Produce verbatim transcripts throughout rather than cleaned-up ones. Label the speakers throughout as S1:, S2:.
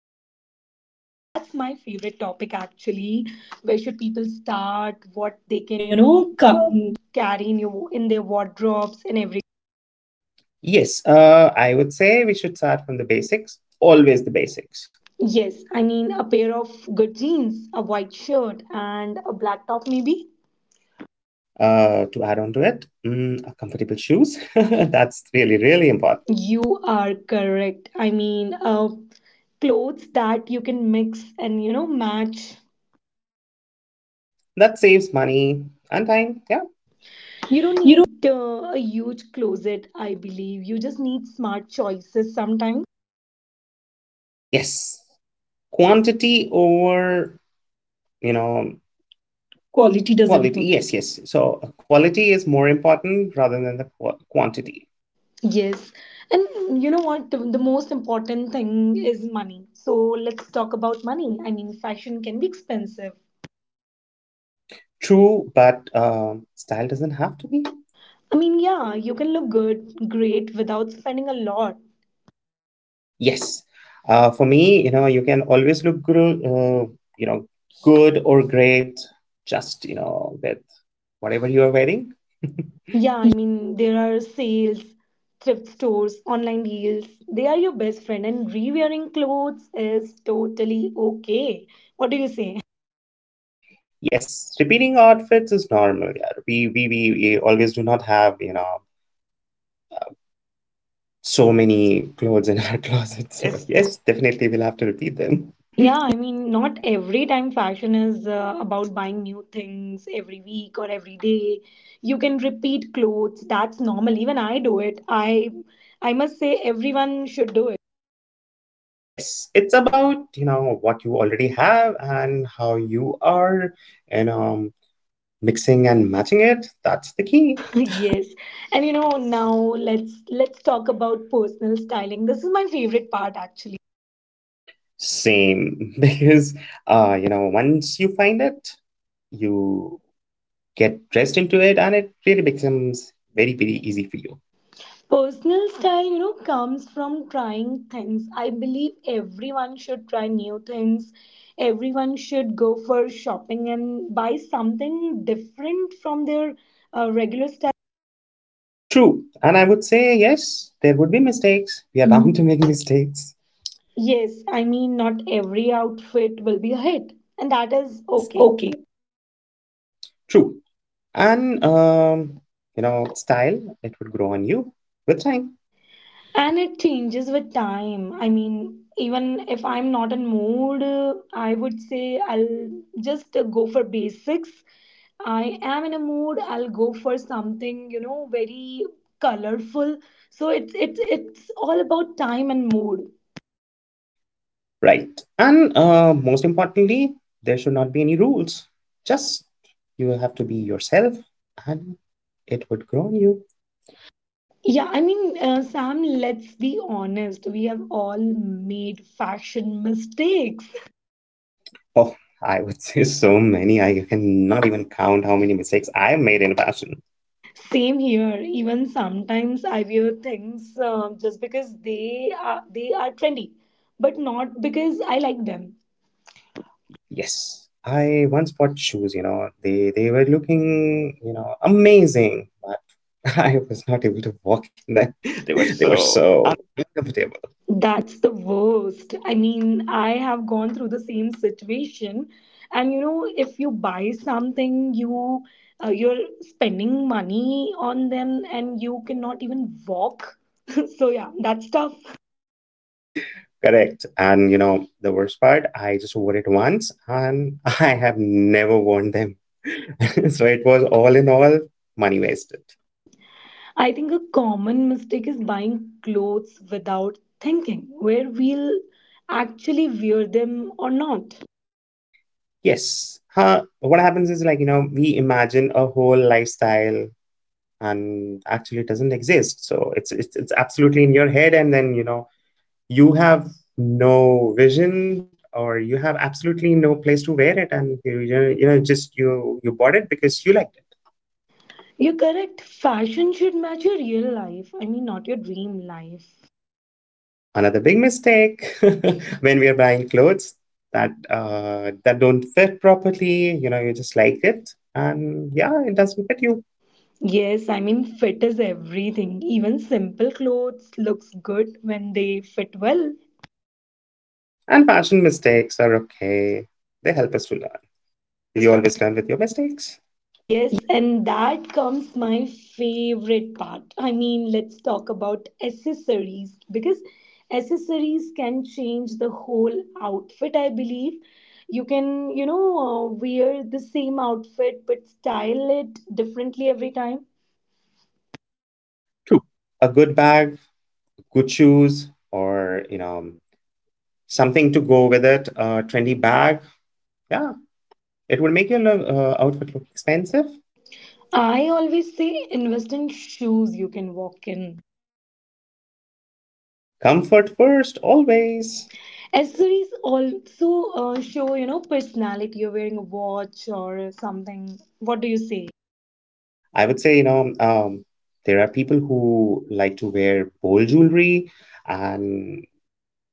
S1: building a wardrobe. That's my favorite topic actually. Where should people start? What they can,
S2: They
S1: you
S2: can, you
S1: know,
S2: know,
S1: ca-
S2: come.
S1: carry in your in their wardrobes and everything.
S2: Yes, uh, I would say we should start from the basics, always the basics.
S1: Yes, I mean a pair of good jeans, a white shirt, and a black top maybe.
S2: Uh, to add on to it, mm, uh, comfortable shoes. That's really, really important.
S1: You are correct. I mean, uh, clothes that you can mix and you know match.
S2: That saves money and time. Yeah.
S1: You don't
S2: You know,
S1: need uh, a huge closet, I believe. You just need smart choices sometimes.
S2: Yes. Quantity over, you know, quality doesn't quality. do- Yes, yes. So uh, quality is more important rather than the qu- quantity.
S1: Yes. And you know what? The, the most important thing is money. So let's talk about money. I mean, fashion can be expensive.
S2: True, but um, style doesn't have to be.
S1: I mean, yeah, you can look good, great without spending a lot.
S2: Yes. Uh, for me, you know, you can always look good, uh, you know, good or great, just, you know, with whatever you are wearing.
S1: Yeah, I mean, there are sales, thrift stores, online deals. They are your best friend, and rewearing clothes is totally okay. What do you say?
S2: Yes, repeating outfits is normal. Yeah. We, we, we, we always do not have, you know, so many clothes in our closet. So,
S1: Yes.
S2: yes, definitely we'll have to repeat them.
S1: Yeah, I mean, not every time fashion is uh, about buying new things every week or every day. You can repeat clothes. That's normal. Even I do it. I I must say everyone should do it.
S2: Yes, it's about, you know, what you already have and how you are, and um, mixing and matching it. That's the key.
S1: Yes. And you know, now let's let's talk about personal styling. This is my favorite part actually.
S2: Same, because, uh, you know, once you find it, you get dressed into it and it really becomes very, very easy for you.
S1: Personal style, you know, comes from trying things. I believe everyone should try new things. Everyone should go for shopping and buy something different from their uh, regular style.
S2: True. And I would say, yes, there would be mistakes. We are, Mhm. bound to make mistakes.
S1: Yes, I mean, not every outfit will be a hit, and that
S2: That
S1: is
S2: is
S1: okay.
S2: okay. True. And um, you know style, it would grow on you with time.
S1: And it changes with time. I mean, even if I'm not in mood, uh, I would say I'll just uh, go for basics. I am in a mood, I'll go for something, you know, very colorful. So it's it's it's all about time and mood.
S2: Right. And uh, most importantly, there should not be any rules. Just, you have to be yourself, and it would grow on you.
S1: Yeah, I mean, uh, Sam, let's be honest, we have all made fashion mistakes.
S2: Oh, I would say so many. I cannot even count how many mistakes I made in fashion.
S1: Same here. Even sometimes I wear things um, just because they are they are trendy, but not because I like them.
S2: Yes, I once bought shoes. you know they they were looking you know amazing, but I was not able to walk in them.
S1: They were
S2: They were
S1: so.
S2: so uncomfortable.
S1: That's the worst. I mean, I have gone through the same situation, and you know, if you buy something, you uh, you're spending money on them, and you cannot even walk. So yeah, that's tough.
S2: Correct. And you know, the worst part, I just wore it once and I have never worn them. So it was all in all money wasted.
S1: I think a common mistake is buying clothes without thinking where we'll actually wear them or not.
S2: Yes. Huh. What happens is like, you know, we imagine a whole lifestyle and actually it doesn't exist. So it's it's it's absolutely in your head, and then, you know, you have no vision, or you have absolutely no place to wear it, and you you know, you know just you you bought it because you liked it.
S1: You're correct. Fashion should match your real life. I mean, not your dream life.
S2: Another big mistake when we are buying clothes that uh, that don't fit properly. You know, you just like it, and yeah, it doesn't fit you.
S1: Yes, I mean, fit is everything. Even simple clothes looks good when they fit well.
S2: And fashion mistakes are okay; they help us to learn. Do You always learn with your mistakes.
S1: Yes, and that comes my favorite part. I mean, let's talk about accessories because accessories can change the whole outfit, I believe. You can, you know, uh, wear the same outfit but style it differently every time.
S2: True. A good bag, good shoes, or you know something to go with it. A trendy bag, yeah, it will make your lo- uh, outfit look expensive.
S1: I always say invest in shoes you can walk in.
S2: Comfort first, always.
S1: Accessories also uh, show, you know, personality. You're wearing a watch or something. What do you say?
S2: I would say, you know, um, there are people who like to wear bold jewelry, and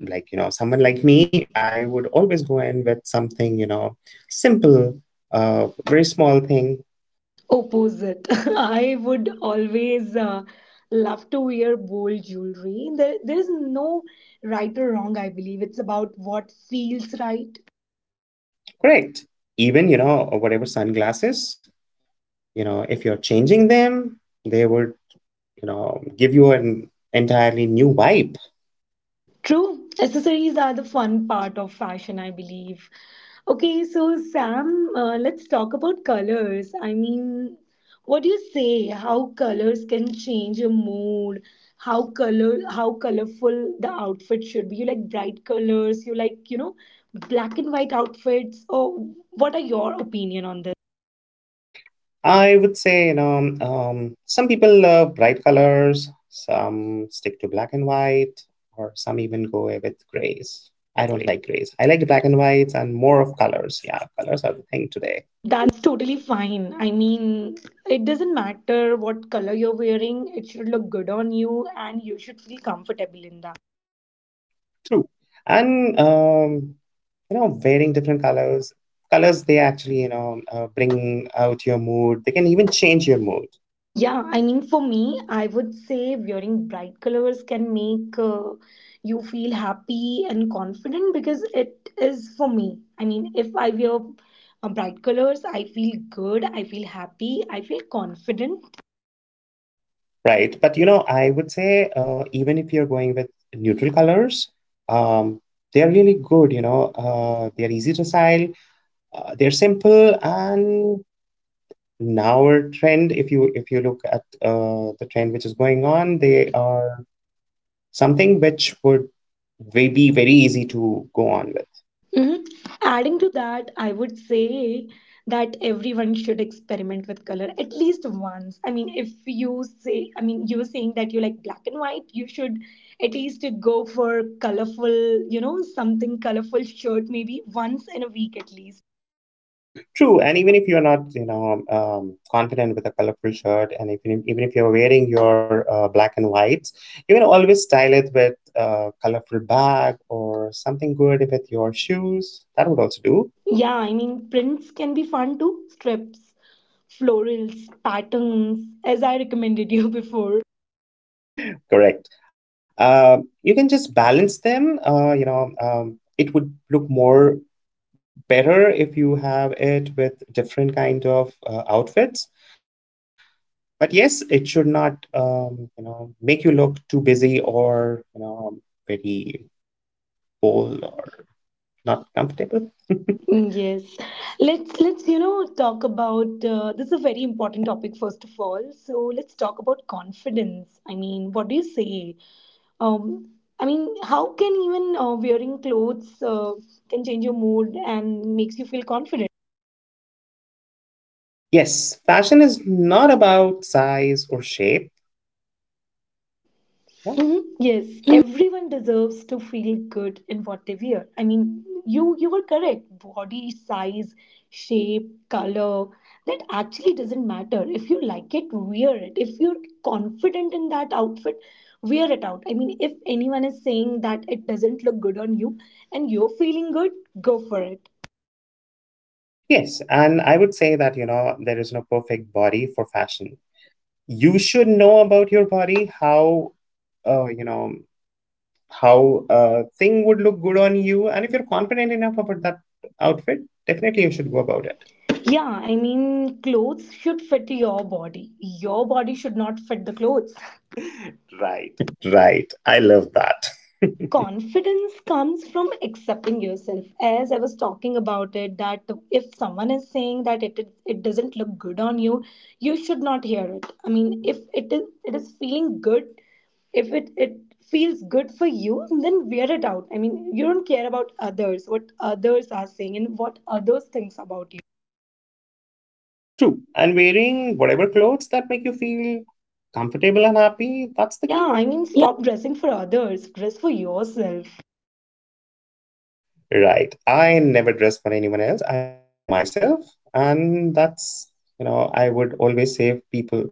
S2: like, you know, someone like me, I would always go in with something, you know, simple, uh, very small thing.
S1: Opposite. I would always uh, love to wear bold jewelry. There, there is no right or wrong, I believe. It's about what feels right.
S2: Correct. Even, you know, whatever sunglasses, you know, if you're changing them, they would, you know, give you an entirely new vibe.
S1: True, accessories are the fun part of fashion, I believe. Okay, so Sam, uh, let's talk about colors. I mean, what do you say? How colors can change your mood? How color, how colorful the outfit should be? You like bright colors? You like, you know, black and white outfits? Or what are your opinion on this?
S2: I would say, you know, um, um, some people love bright colors, some stick to black and white, or some even go away with grays. I
S1: Like,
S2: don't like grays. I like black and whites and more of colors. Yeah, colors are the thing today.
S1: that's totally fine. I mean, it doesn't matter what color you're wearing, it should look good on you and you should feel comfortable in that.
S2: True. And um, you know, wearing different colors, colors they actually, you know, uh, bring out your mood. They can even change your mood.
S1: Yeah, I mean, for me, I would say wearing bright colors can make uh, you feel happy and confident because it is for me. I mean, if I wear uh, bright colors, I feel good, I feel happy, I feel confident.
S2: Right. But you know, I would say uh, even if you're going with neutral colors, um, they're really good, you know. Uh, they're easy to style, uh, they're simple, and now our trend, if you if you look at uh, the trend which is going on, they are something which would ve- be very easy to go on with.
S1: Mhm. Adding to that, I would say that everyone should experiment with color at least once. I mean, if you say, I mean, you were saying that you like black and white, you should at least go for colorful, you know, something colorful shirt maybe once in a week at least.
S2: True, and even if you're not, you know, um, um, confident with a colorful shirt, and if you, even if you're wearing your uh, black and whites, you can always style it with a colorful bag or something good with your shoes. That would also do.
S1: Yeah, I mean, prints can be fun too, strips, florals, patterns, as I recommended you before.
S2: Correct. Uh, you can just balance them. Uh, you know, um, it would look more better if you have it with different kind of uh, outfits. But yes, it should not, um, you know, make you look too busy, or, you know, um, very bold or not comfortable.
S1: Yes, let's let's you know talk about uh, this is a very important topic first of all. So let's talk about confidence. I mean, what do you say? Um, I mean, how can even uh, wearing clothes uh, can change your mood and makes you feel confident?
S2: Yes, fashion is not about size or shape. Yeah.
S1: Mhm. Yes,
S2: Mhm.
S1: everyone deserves to feel good in what they wear. I mean, you you were correct. Body size, shape, color, that actually doesn't matter. If you like it, wear it. If you're confident in that outfit, wear it out. I mean, if anyone is saying that it doesn't look good on you and you're feeling good, go for it.
S2: Yes, and I would say that, you know, there is no perfect body for fashion. You should know about your body, how uh, you know, how a thing would look good on you. And if you're confident enough about that outfit, definitely you should go about it.
S1: Yeah, I mean, clothes should fit your body. Your body should not fit the clothes. Right.
S2: Right. I love that.
S1: Confidence comes from accepting yourself, as I was talking about it, that if someone is saying that it it, it doesn't look good on you, you should not hear it. I mean, if it is, it is feeling good, if it it feels good for you, then wear it out. I mean, you don't care about others, what others are saying and what others thinks about you.
S2: True. And wearing whatever clothes that make you feel comfortable and happy, that's the
S1: Yeah,
S2: key.
S1: I mean,
S2: Yeah.
S1: stop dressing for others, dress for yourself.
S2: Right. I never dress for anyone else. I dress for myself. And that's, you know, I would always say people,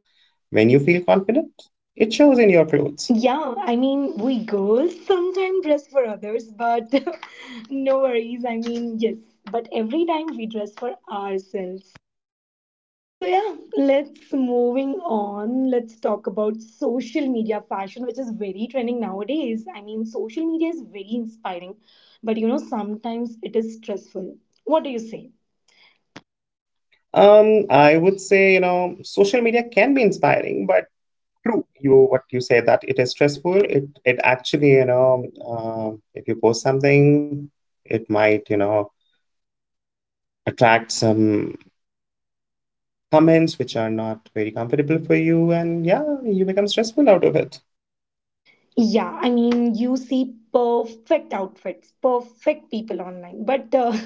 S2: when you feel confident, it shows in your clothes.
S1: Yeah, I mean, we girls sometimes dress for others, but no worries. I mean, yes, but every time we dress for ourselves. So yeah, let's moving on. Let's talk about social media fashion, which is very trending nowadays. I mean, social media is very inspiring, but you know, sometimes it is stressful. What do you say?
S2: Um, I would say, you know, social media can be inspiring, but true, you what you say that it is
S1: It.
S2: stressful. It it actually, you know, um, if you post something, it might, you know, attract some comments which are not very comfortable for you, and yeah, you become stressful out of it.
S1: Yeah, I mean, you see perfect outfits, perfect people online, but uh,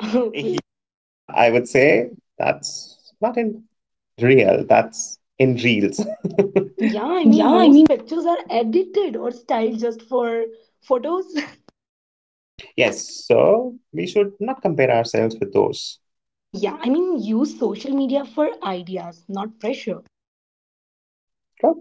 S2: Yeah, I would say that's not in real, that's in reels.
S1: yeah, I
S2: Yeah,
S1: mean,
S2: I mean,
S1: most pictures are edited or styled just for photos.
S2: yes, so we should not compare ourselves with those.
S1: Yeah, I mean, use social media for ideas, not pressure.
S2: Well,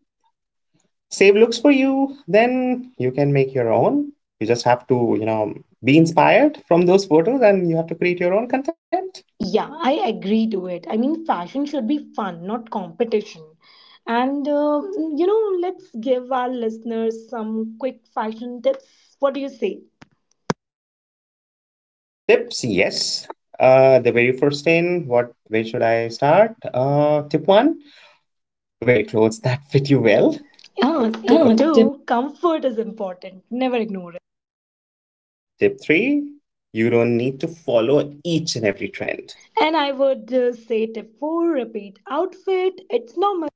S2: save looks for you, then you can make your own. You just have to, you know, be inspired from those photos, and you have to create your own content.
S1: Yeah, I agree to it. I mean, fashion should be fun, not competition. And, uh, you know, let's give our listeners some quick fashion tips. What do you say?
S2: Tips, yes. Uh, the very first thing, what where should I start? Uh, tip one, wear clothes that fit you well.
S1: Yeah, tip
S2: Oh, tip.
S1: two comfort is important. Never ignore it.
S2: Tip three, you don't need to follow each and every trend.
S1: And I would uh, say tip four repeat outfit. It's normal.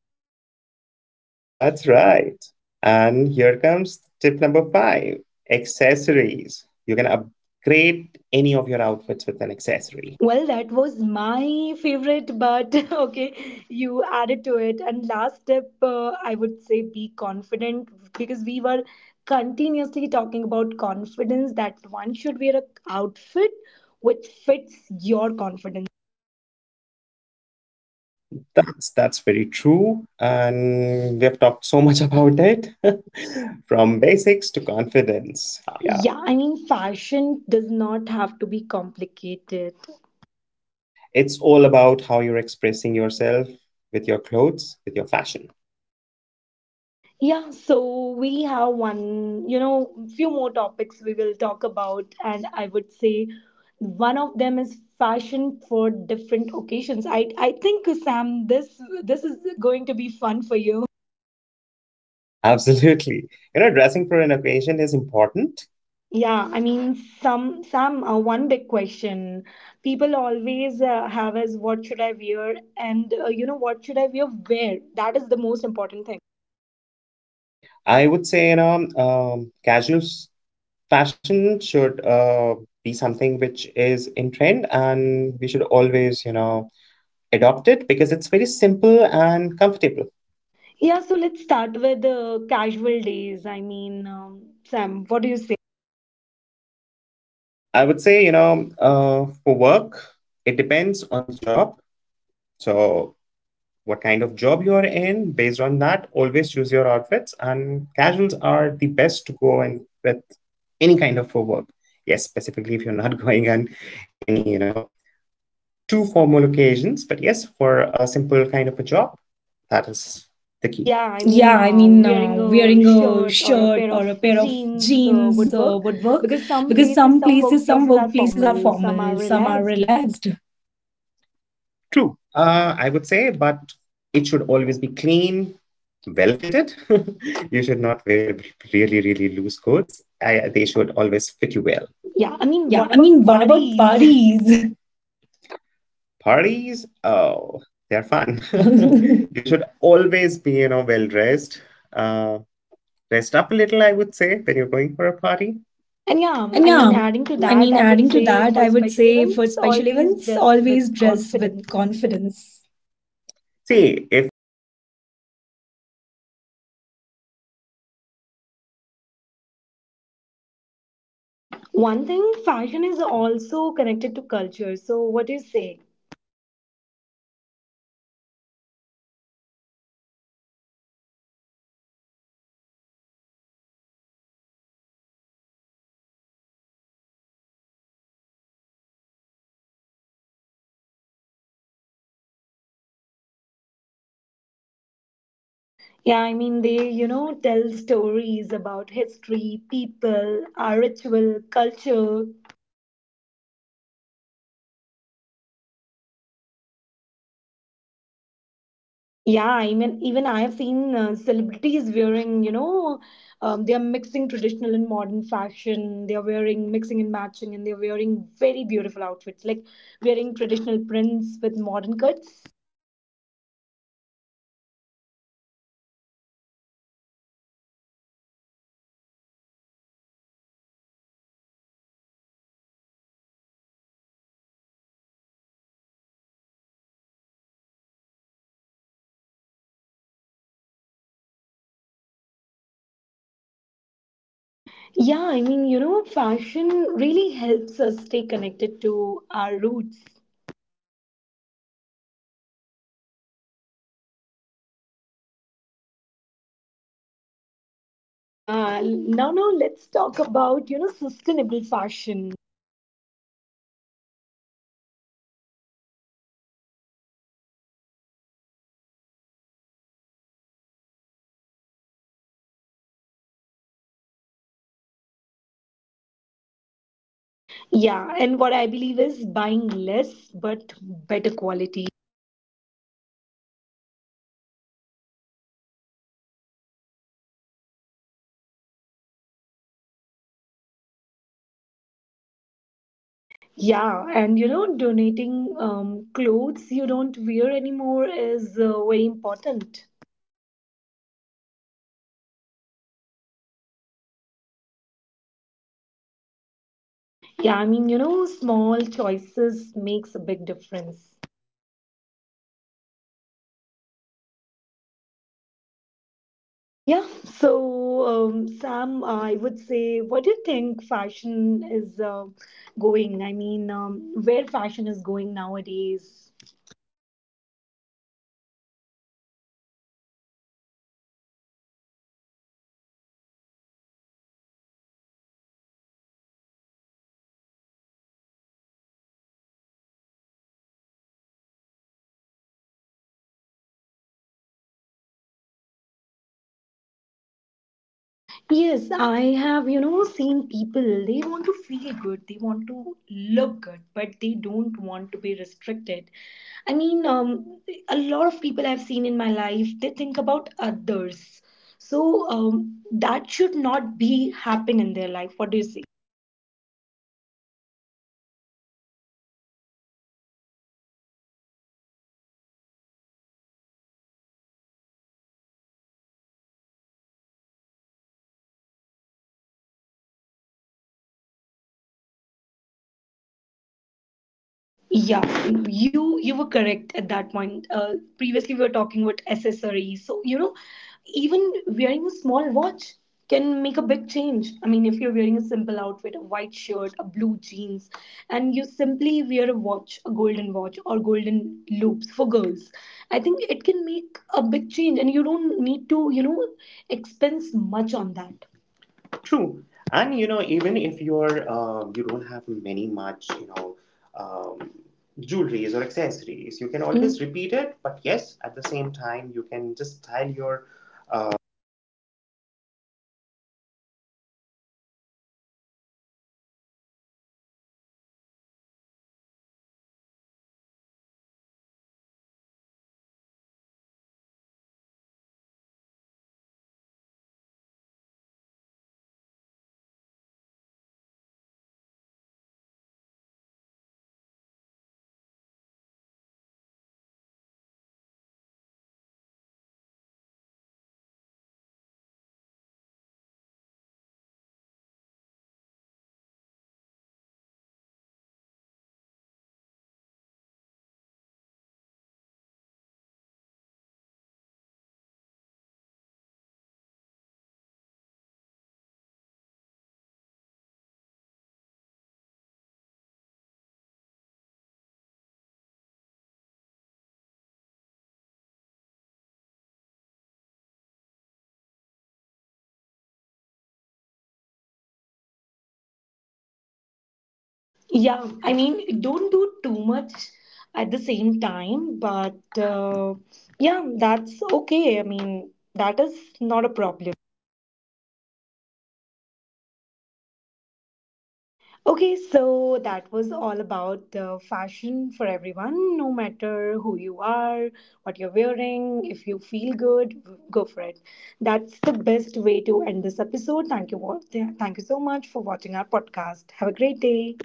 S2: That's right. And here comes tip number five, accessories. You can upgrade any of your outfits with an
S1: Three.
S2: accessory.
S1: Well, that was my favorite, but okay, you added to it. And last step, uh, I would say be confident because we were continuously talking about confidence that one should wear a outfit which fits your confidence.
S2: That's that's very true, and we have talked so much about it, from basics to confidence.
S1: Yeah.
S2: Yeah,
S1: Yeah, I mean, fashion does not have to be complicated.
S2: it's all about how you're expressing yourself with your clothes, with your fashion.
S1: Yeah, so we have one, you know, few more topics we will talk about, and I would say one of them is fashion for different occasions. I I think Sam, this this is going to be fun for you.
S2: Absolutely, you know, dressing for an occasion is important.
S1: Yeah, I mean, some some uh, one big question people always uh, have is what should I wear, and uh, you know what should I wear where? That is the most important thing.
S2: I would say, you know, um, casual s- fashion should uh, be something which is in trend, and we should always, you know, adopt it because it's very simple and comfortable.
S1: Yeah, so let's start with uh, casual days. I mean, um, Sam, what do you say?
S2: I would say, you know, uh, for work, it depends on the job. So, what kind of job you are in, based on that, always choose your outfits. And casuals are the best to go in with any kind of for work. Yes, specifically if you're not going on any, you know, too formal occasions. But yes, for a simple kind of a job, that is the key.
S1: Yeah, I mean, uh, wearing a shirt or a pair of jeans uh, would work because some places, some workplaces are formal, some are relaxed.
S2: True, uh, I would say, but it should always be clean, well fitted. You should not wear really, really loose coats. I, they should always fit you well.
S1: Yeah, I mean, what about parties?
S2: Parties, oh, they're fun. You should always be, you know, well dressed. Uh, Dressed up a little, I would say, when you're going for a party.
S1: And yeah, I mean, adding to that, I would say for special events, always dress with confidence.
S2: See, if you feel good, you would feel good, and confidence would be automatically in you.
S1: One thing, fashion is also connected to culture. So, what do you say?
S2: I would say, um, yes, uh, traditional clothing are always beautiful based on what kind of a, you know, occasion you're going. If it's it's it's really something like a puja or something, then definitely you will always be dressed in a traditional outfit.
S1: Yeah, I mean, they, you know, tell stories about history, people, our ritual, culture.
S2: True, mixing tradition and fashion, it's it's it's really, really popular now.
S1: Yeah, I mean, even I have seen uh, celebrities wearing, you know, um, they are mixing traditional and modern fashion. They are wearing mixing and matching, and they are wearing very beautiful outfits, like wearing traditional prints with modern cuts.
S2: True, and you know, um for parties, traditional jewelry with all the Western outfit, it it looks so chic. It is, it is in trend, but yes, it it is connected to your traditions, and at the same time it connects you with the uh, ongoing fashion.
S1: Yeah, I mean, you know, fashion really helps us stay connected to our roots.
S2: Yes, and at the same time you can express it in whatever you're wearing, or like what I'm wearing today.
S1: Yeah, l- now now let's talk about, you know, sustainable fashion.
S2: I would say yes, that means, you know, being smart, uh, and kind of what would make you, you know, buy with whatever amount you have in your pockets today.
S1: Yeah,
S2: Yeah,
S1: and what I
S2: and what I
S1: believe is buying less but better quality.
S2: Yes, reusing, you know, rewearing, or uh, what's the trend? Recycling.
S1: Yeah, and you know, donating um, clothes you don't wear anymore is uh, very important.
S2: True. You know, fashion doesn't have to harm the planet, so whatever you are not wearing, you should always donate.
S1: Yeah, I mean, you know, small choices makes a big difference.
S2: Very correctly said. Smart fashion is the future.
S1: Yeah, so um, Sam, I would say, what do you think fashion is uh, going? I mean, um, where fashion is going nowadays?
S2: I would say, you know, Nancy, um, fashion today is, comfort will always be the first choice for each and every one of us. And most importantly, something which, you know, makes you, um, you know, like to look at yourself in the mirror. That's the key.
S1: Yes, I have, you know, seen people, they want to feel good, they want to look good, but they don't want to be restricted. I mean, um, a lot of people I've seen in my life, they think about others. So um, that should not be happen in their life. What do you say?
S2: Correct. Uh, you know, um I would say that, you know, you should focus more on your own style. I would say, just do not blindly follow the trend. You should always have your own style. Try to mix that trend with your own style.
S1: Yeah, you you were correct at that point. Uh, previously we were talking about accessories. So you know, even wearing a small watch can make a big change. I mean, if you're wearing a simple outfit, a white shirt, a blue jeans, and you simply wear a watch, a golden watch or golden loops for girls, I think it can make a big change, and you don't need to, you know, expense much on that.
S2: True,
S1: True,
S2: and
S1: and you
S2: you know,
S1: know, even
S2: even
S1: if
S2: if
S1: you're
S2: you're uh,
S1: um,
S2: you
S1: you
S2: don't
S1: don't have
S2: have many
S1: many much,
S2: much, you
S1: you
S2: know,
S1: know,
S2: um,
S1: um,
S2: jewelries
S1: jewelries or
S2: or accessories.
S1: accessories, you
S2: You can,
S1: can.
S2: mm,
S1: Hmm. Always
S2: always
S1: repeat
S2: repeat
S1: it.
S2: it, but
S1: But
S2: yes,
S1: yes, at
S2: at
S1: the
S2: the
S1: same
S2: same time,
S1: time,
S2: you
S1: you can
S2: can just
S1: just style
S2: style
S1: your.
S2: your uh, hair uh, differently every time, or uh, you can, you know, you can have big uh, earrings at one occasion, then you can convert it to smaller ones. You can have a big uh, neck piece, which is a very solid uh, fashion statement, which has a solid fashion statement. But sometimes when you are, like, you know, feeling low and you're in a hurry, you can always pair it with a small chain. You can have a clutcher. Sometimes you can wear it with a clutcher, or you can always have a tote bag with it. So this is how you can, you know, always uh, recycle or rewear your outfits with whatever you have. You just have to mix and match. And most importantly, just have a look in the mirror if you're liking it. I would say, I would do, I will never care what peop other people would think. I am liking what I see in the mirror. That is something good, and that is the, you know, real trend and real fashion for me.
S1: Yeah,
S2: Yeah,
S1: I
S2: I mean,
S1: mean, don't
S2: don't do
S1: do too
S2: too
S1: much
S2: much
S1: at
S2: at
S1: the
S2: the
S1: same
S2: same time,
S1: time,
S2: but
S1: but
S2: uh,
S1: uh, yeah,
S2: yeah,
S1: that's okay. I mean, that is not a problem. Okay, so that was all about uh, fashion for everyone, no matter who you are, what you're wearing, if you feel good, go for it. That's the best way to end this episode. Thank you all. Thank you so much for watching our podcast. Have a great day.